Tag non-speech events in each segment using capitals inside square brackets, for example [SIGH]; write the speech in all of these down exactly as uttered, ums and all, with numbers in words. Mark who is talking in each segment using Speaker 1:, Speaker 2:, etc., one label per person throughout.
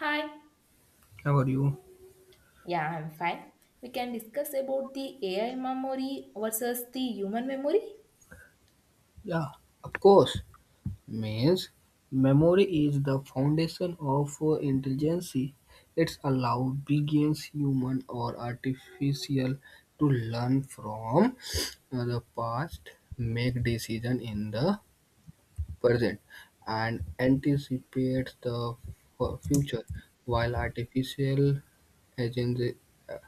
Speaker 1: Hi.
Speaker 2: How are you?
Speaker 1: Yeah, I'm fine. We can discuss about the A I memory versus the human memory.
Speaker 2: Yeah, of course. Means memory is the foundation of uh, intelligence. It's allow begins human or artificial to learn from uh, the past, make decision in the present, and anticipate the fu- future. While artificial agents uh,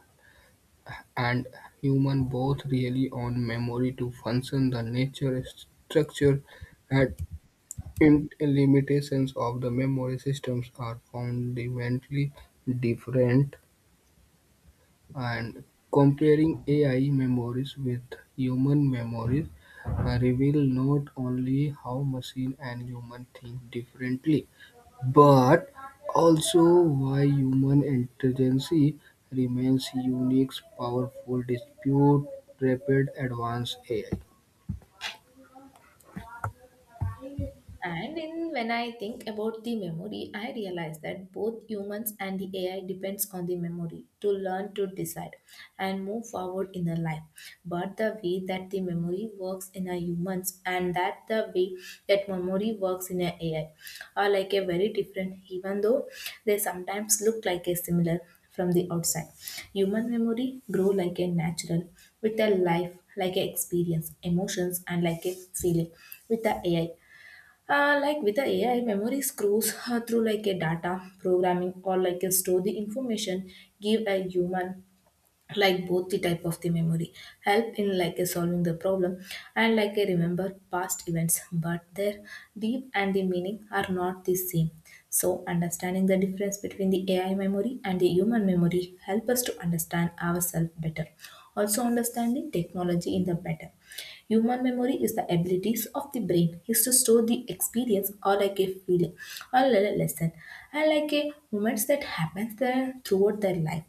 Speaker 2: and human both rely on memory to function, the nature structure had Int- Limitations of the memory systems are fundamentally different, and comparing A I memories with human memories reveals not only how machine and human think differently, but also why human intelligence remains unique, powerful, despite rapid advance A I.
Speaker 1: And in, when I think about the memory, I realize that both humans and the A I depends on the memory to learn to decide and move forward in the life. But the way that the memory works in a humans and that the way that memory works in a AI are like a very different, even though they sometimes look like a similar from the outside. Human memory grow like a natural with a life, like a experience, emotions, and like a feeling with the A I. Uh, like with the A I, memory screws uh, through like a data programming or like a store the information give a human like both the type of the memory help in like a solving the problem and like a remember past events, but their deep and the meaning are not the same. So understanding the difference between the AI memory and the human memory help us to understand ourselves better, also understanding technology in the better. Human memory is the abilities of the brain is to store the experience or like a feeling or a lesson and like a moments that happens there throughout their life,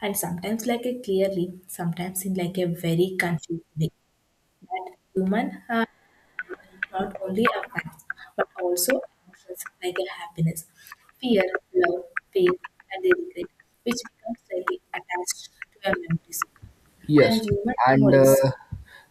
Speaker 1: and sometimes like a clearly, sometimes in like a very confused way. That human are not only a fact, but also emotions like a happiness, fear, love, pain, and regret, which becomes like attached to our memories
Speaker 2: Yes,
Speaker 1: and human
Speaker 2: and
Speaker 1: memories
Speaker 2: uh,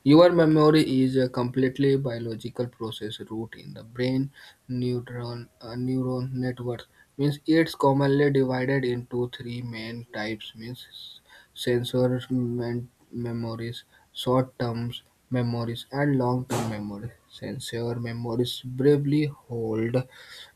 Speaker 2: your memory is a completely biological process root in the brain neuron uh, neuron network. Means it's commonly divided into three main types. Means sensor men- memories, short term memories, and long term memories. Sensor memories briefly hold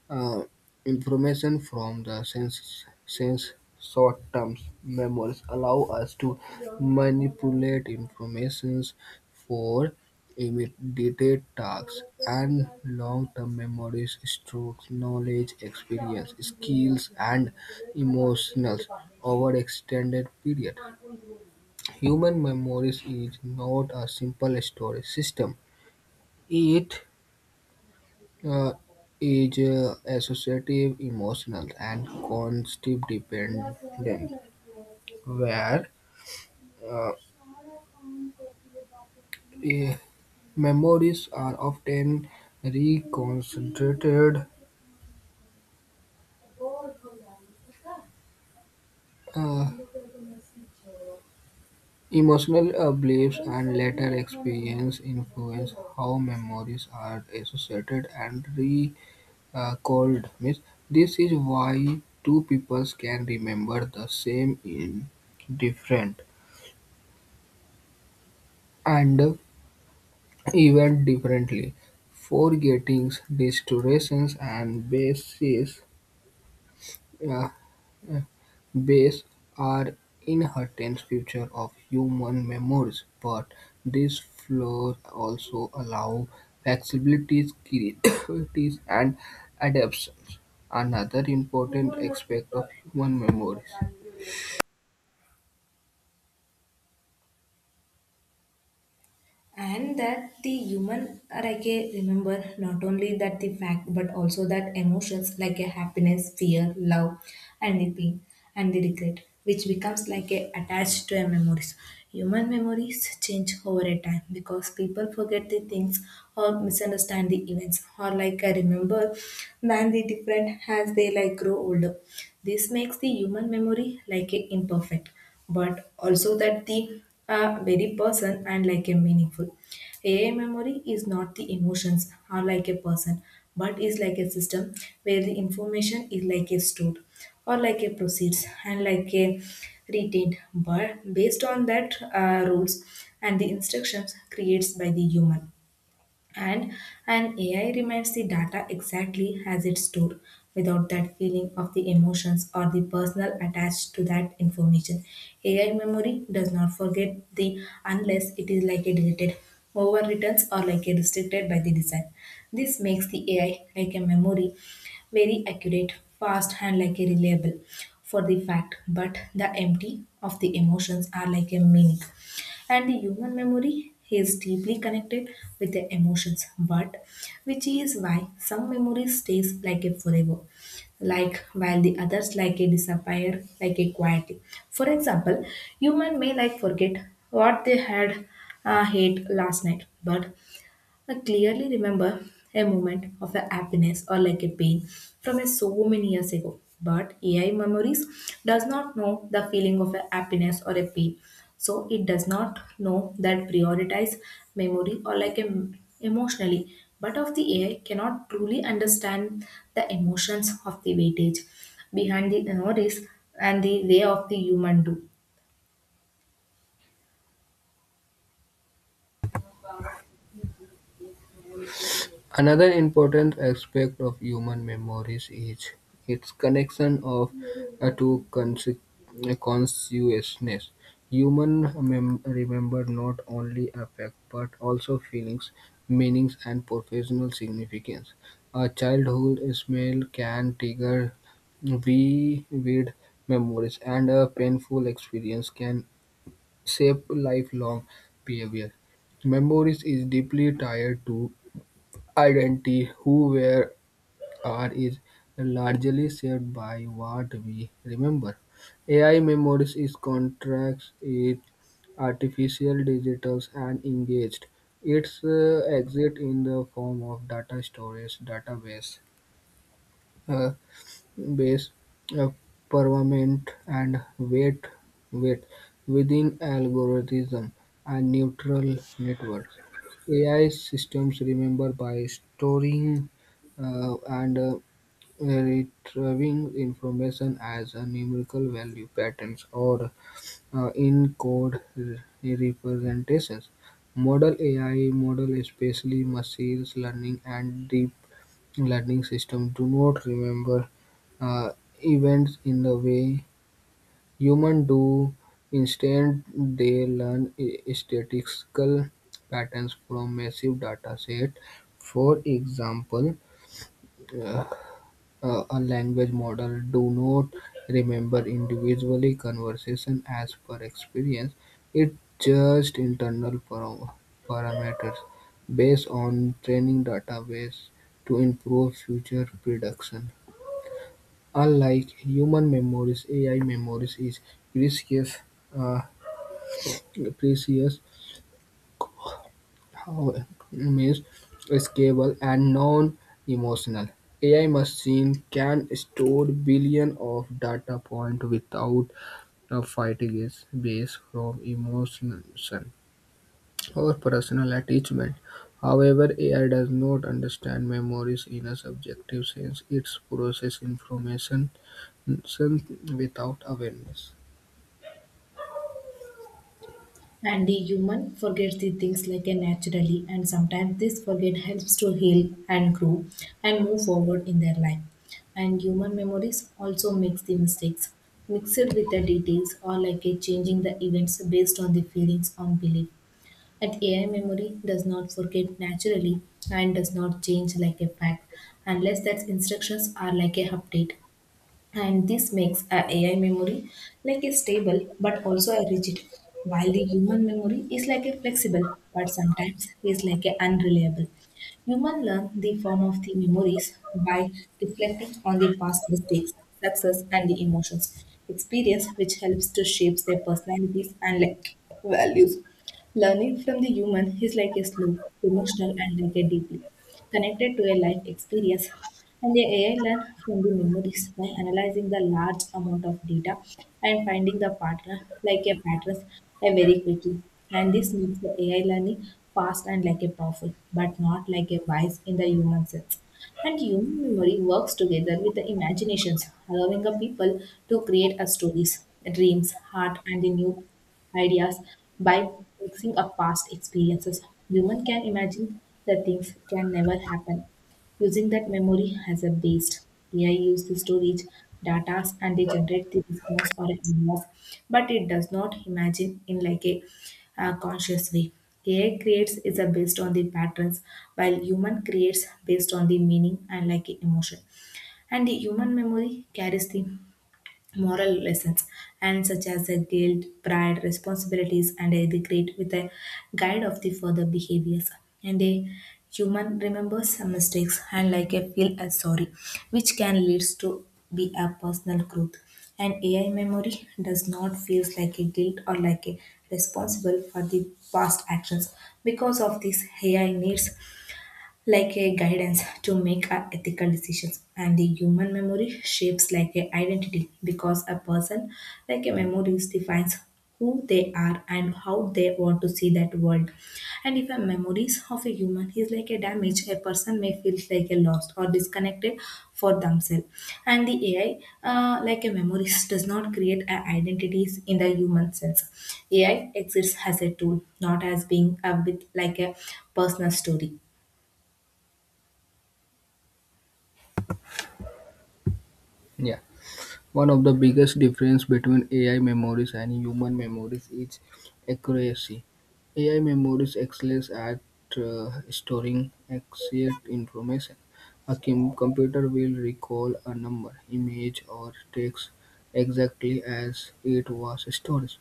Speaker 2: uh, information from the sense, sense short-term memories allow us to manipulate informations for immediate tasks and long-term memories strokes knowledge experience skills and emotions over extended period human memories is not a simple storage system it uh, is uh, associative, emotional, and concept-dependent, where uh, eh, memories are often reconstituted uh, emotional uh, beliefs and later experience influence how memories are associated and recalled. Means this is why two peoples can remember the same in different and event differently, forgetting distortions and bases uh, bias are inherent features of human memories, but these flaws also allow flexibilities, [COUGHS] creativity, and adaptations. Another important aspect of human memories
Speaker 1: and that the human arche remember not only that the fact but also that emotions like a happiness, fear, love, and the pain and the regret which becomes like a attached to a memories. Human memories change over a time because people forget the things or misunderstand the events or like I remember than the different as they like grow older. This makes the human memory like a imperfect but also that the uh, very person and like a meaningful. A I memory is not the emotions are like a person, but is like a system where the information is like a stored or like a proceeds and like a retained, but based on that uh, rules and the instructions creates by the human. And an A I remains the data exactly as it's stored without that feeling of the emotions or the personal attached to that information. A I memory does not forget the unless it is like a deleted, overwrittens, or like a restricted by the design. This makes the A I like a memory very accurate, fast, and like a reliable for the fact, but the empty of the emotions are like a meaning. And the human memory is deeply connected with the emotions, but which is why some memory stays like a forever, like while the others like a disappear like a quietly. For example, human may like forget what they had uh, ate last night, but I clearly remember a moment of a happiness or like a pain from a so many years ago. But A I memories does not know the feeling of a happiness or a pain. So it does not know that prioritize memory or like em- emotionally. But of the A I cannot truly understand the emotions of the weightage behind the memories and the way of the human do.
Speaker 2: Another important aspect of human memories is its connection of uh, to conse- uh, consciousness. Human mem- remember not only affect but also feelings, meanings, and professional significance. A childhood smell can trigger vivid memories, and a painful experience can shape lifelong behavior. Memories is deeply tied to identity, who we are, is largely shaped by what we remember. A I memories is contracts, it artificial digitals and engaged. Its uh, exit in the form of data storage database. Uh, Base, uh, pavement, and weight weight within algorithms and neural networks. A I systems remember by storing uh, and uh, retrieving information as a numerical value patterns or uh, in code re- representations. Model A I, model especially machine learning and deep learning systems do not remember uh, events in the way humans do. Instead, they learn i- statistical patterns from massive data set. For example, uh, uh, a language model do not remember individually conversation as per experience; it just internal param- parameters based on training database to improve future prediction. Unlike human memories, A I memories is precious. uh, Precious however, means scalable and non-emotional. A I machine can store billion of data point without uh, fighting its base from emotion or personal attachment. However, A I does not understand memories in a subjective sense. It processes information without awareness.
Speaker 1: And the human forgets the things like a naturally, and sometimes this forget helps to heal and grow and move forward in their life. And human memories also makes the mistakes mixed with the details or like a changing the events based on the feelings on belief. And A I memory does not forget naturally and does not change like a fact unless that instructions are like a update, and this makes a AI memory like a stable but also a rigid, while the human memory is like a flexible but sometimes is like a unreliable. Human learn the form of the memories by reflecting on the past mistakes, success, and the emotions experience, which helps to shape their personalities and like values. Learning from the human is like a slow, emotional, and like a deeply connected to a life experience. And the A I learn from the memories by analyzing the large amount of data and finding the pattern like a patterns uh, very quickly. And this makes the A I learning fast and like a powerful, but not like a wise in the human sense. And human memory works together with the imaginations, allowing the people to create a stories, dreams, art, and the new ideas by mixing up past experiences. Human can imagine the things can never happen using that memory as a base. A I uses this to reach data and they generate the response or ideas, but it does not imagine in like a uh, conscious way. A I creates is a based on the patterns, while human creates based on the meaning and like a emotion. And the human memory carries the moral lessons and such as the guilt, pride, responsibilities, and a regret with a guide of the further behaviors. And a human remembers some mistakes and like a feel as sorry which can leads to be a personal growth. And AI memory does not feels like a guilt or like a responsible for the past actions. Because of this AI needs like a guidance to make our ethical decisions. And the human memory shapes like a identity because a person like a memories defines who they are and how they want to see that world. And if a memories of a human is like a damage, a person may feel like a lost or disconnected for themselves. And the AI uh, like a memories does not create a identities in the human sense. AI exists as a tool, not as being a bit like a personal story.
Speaker 2: Yeah. One of the biggest difference between A I memories and human memories is accuracy. A I memories excels at uh, storing exact information. A com- computer will recall a number, image, or text exactly as it was stored.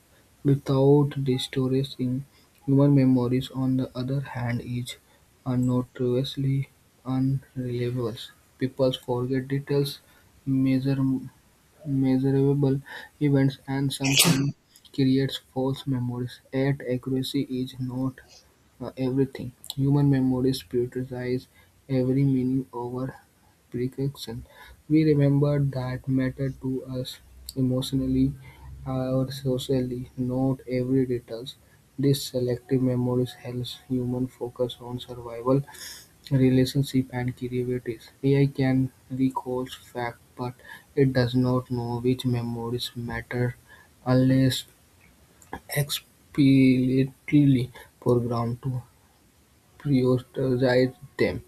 Speaker 2: Without the storage in human memories, on the other hand, is notoriously unreliable. People forget details, measure measurable events and sometimes creates false memories. Yet accuracy is not uh, everything. Human memories prioritize every meaning over prediction. We remember that matter to us emotionally uh, or socially, not every details. This selective memory helps human focus on survival relationship and creativities. A I can recall facts, but it does not know which memories matter unless explicitly programmed to prioritize them.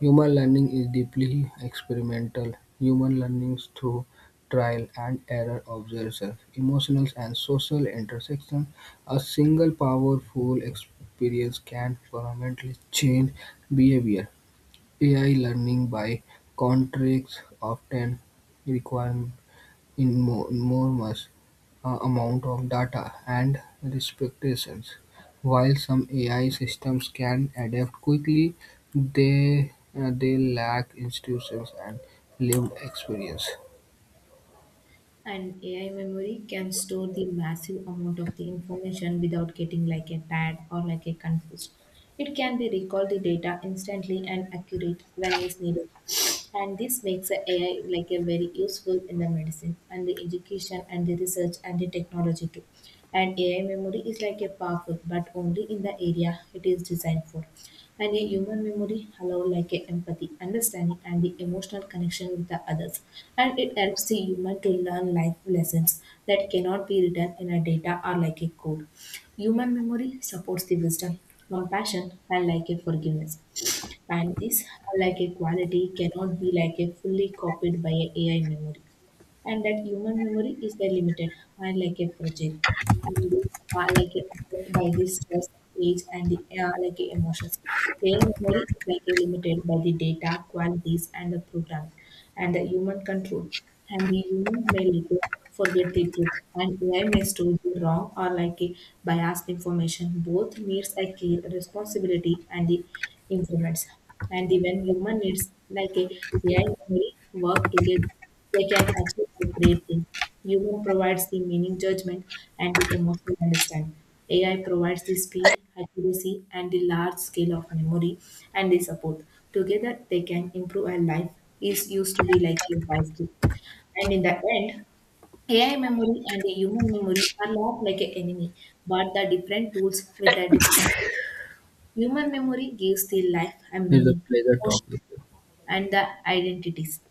Speaker 2: Human learning is deeply experimental. Human learns through trial and error, observation, emotional and social intersection. A single powerful experience can fundamentally change behavior. A I learning, by contrast, often requires immo- enormous uh, amount of data and representations. While some A I systems can adapt quickly, they uh, they lack institutions and lived experience.
Speaker 1: And A I memory can store the massive amount of the information without getting like a tired or like a confused. It can be recall the data instantly and accurate when is needed. And this makes the A I like a very useful in the medicine and the education and the research and the technology too. And A I memory is like a powerful, but only in the area it is designed for. And a human memory allows like a empathy, understanding, and the emotional connection with the others. And it helps the human to learn life lessons that cannot be written in a data or like a code. Human memory supports the wisdom, compassion, and like a forgiveness. And this like a quality cannot be like a fully copied by a AI memory. And that human memory is very limited and like a fragile and are like a, affected by the stress, age, and the uh, like a emotions. Their memory is like a limited by the data qualities and the programming and the human control. And the human may later forget the truth, and A I may store the wrong or like a biased information. Both needs a care, responsibility, and the influence. And the when human needs like a AI memory work together, they can achieve a great things. Human provides the meaning judgment and the emotional understanding. A I provides the speed, accuracy, and the large scale of memory and the support. Together, they can improve our life. Is used to be like a five key. And in the end, A I memory and the human memory are not like an enemy, but the different tools with their different. Human memory gives the life a
Speaker 2: It's a
Speaker 1: meaning,
Speaker 2: pleasure
Speaker 1: emotion,
Speaker 2: talking with you.
Speaker 1: and the identities.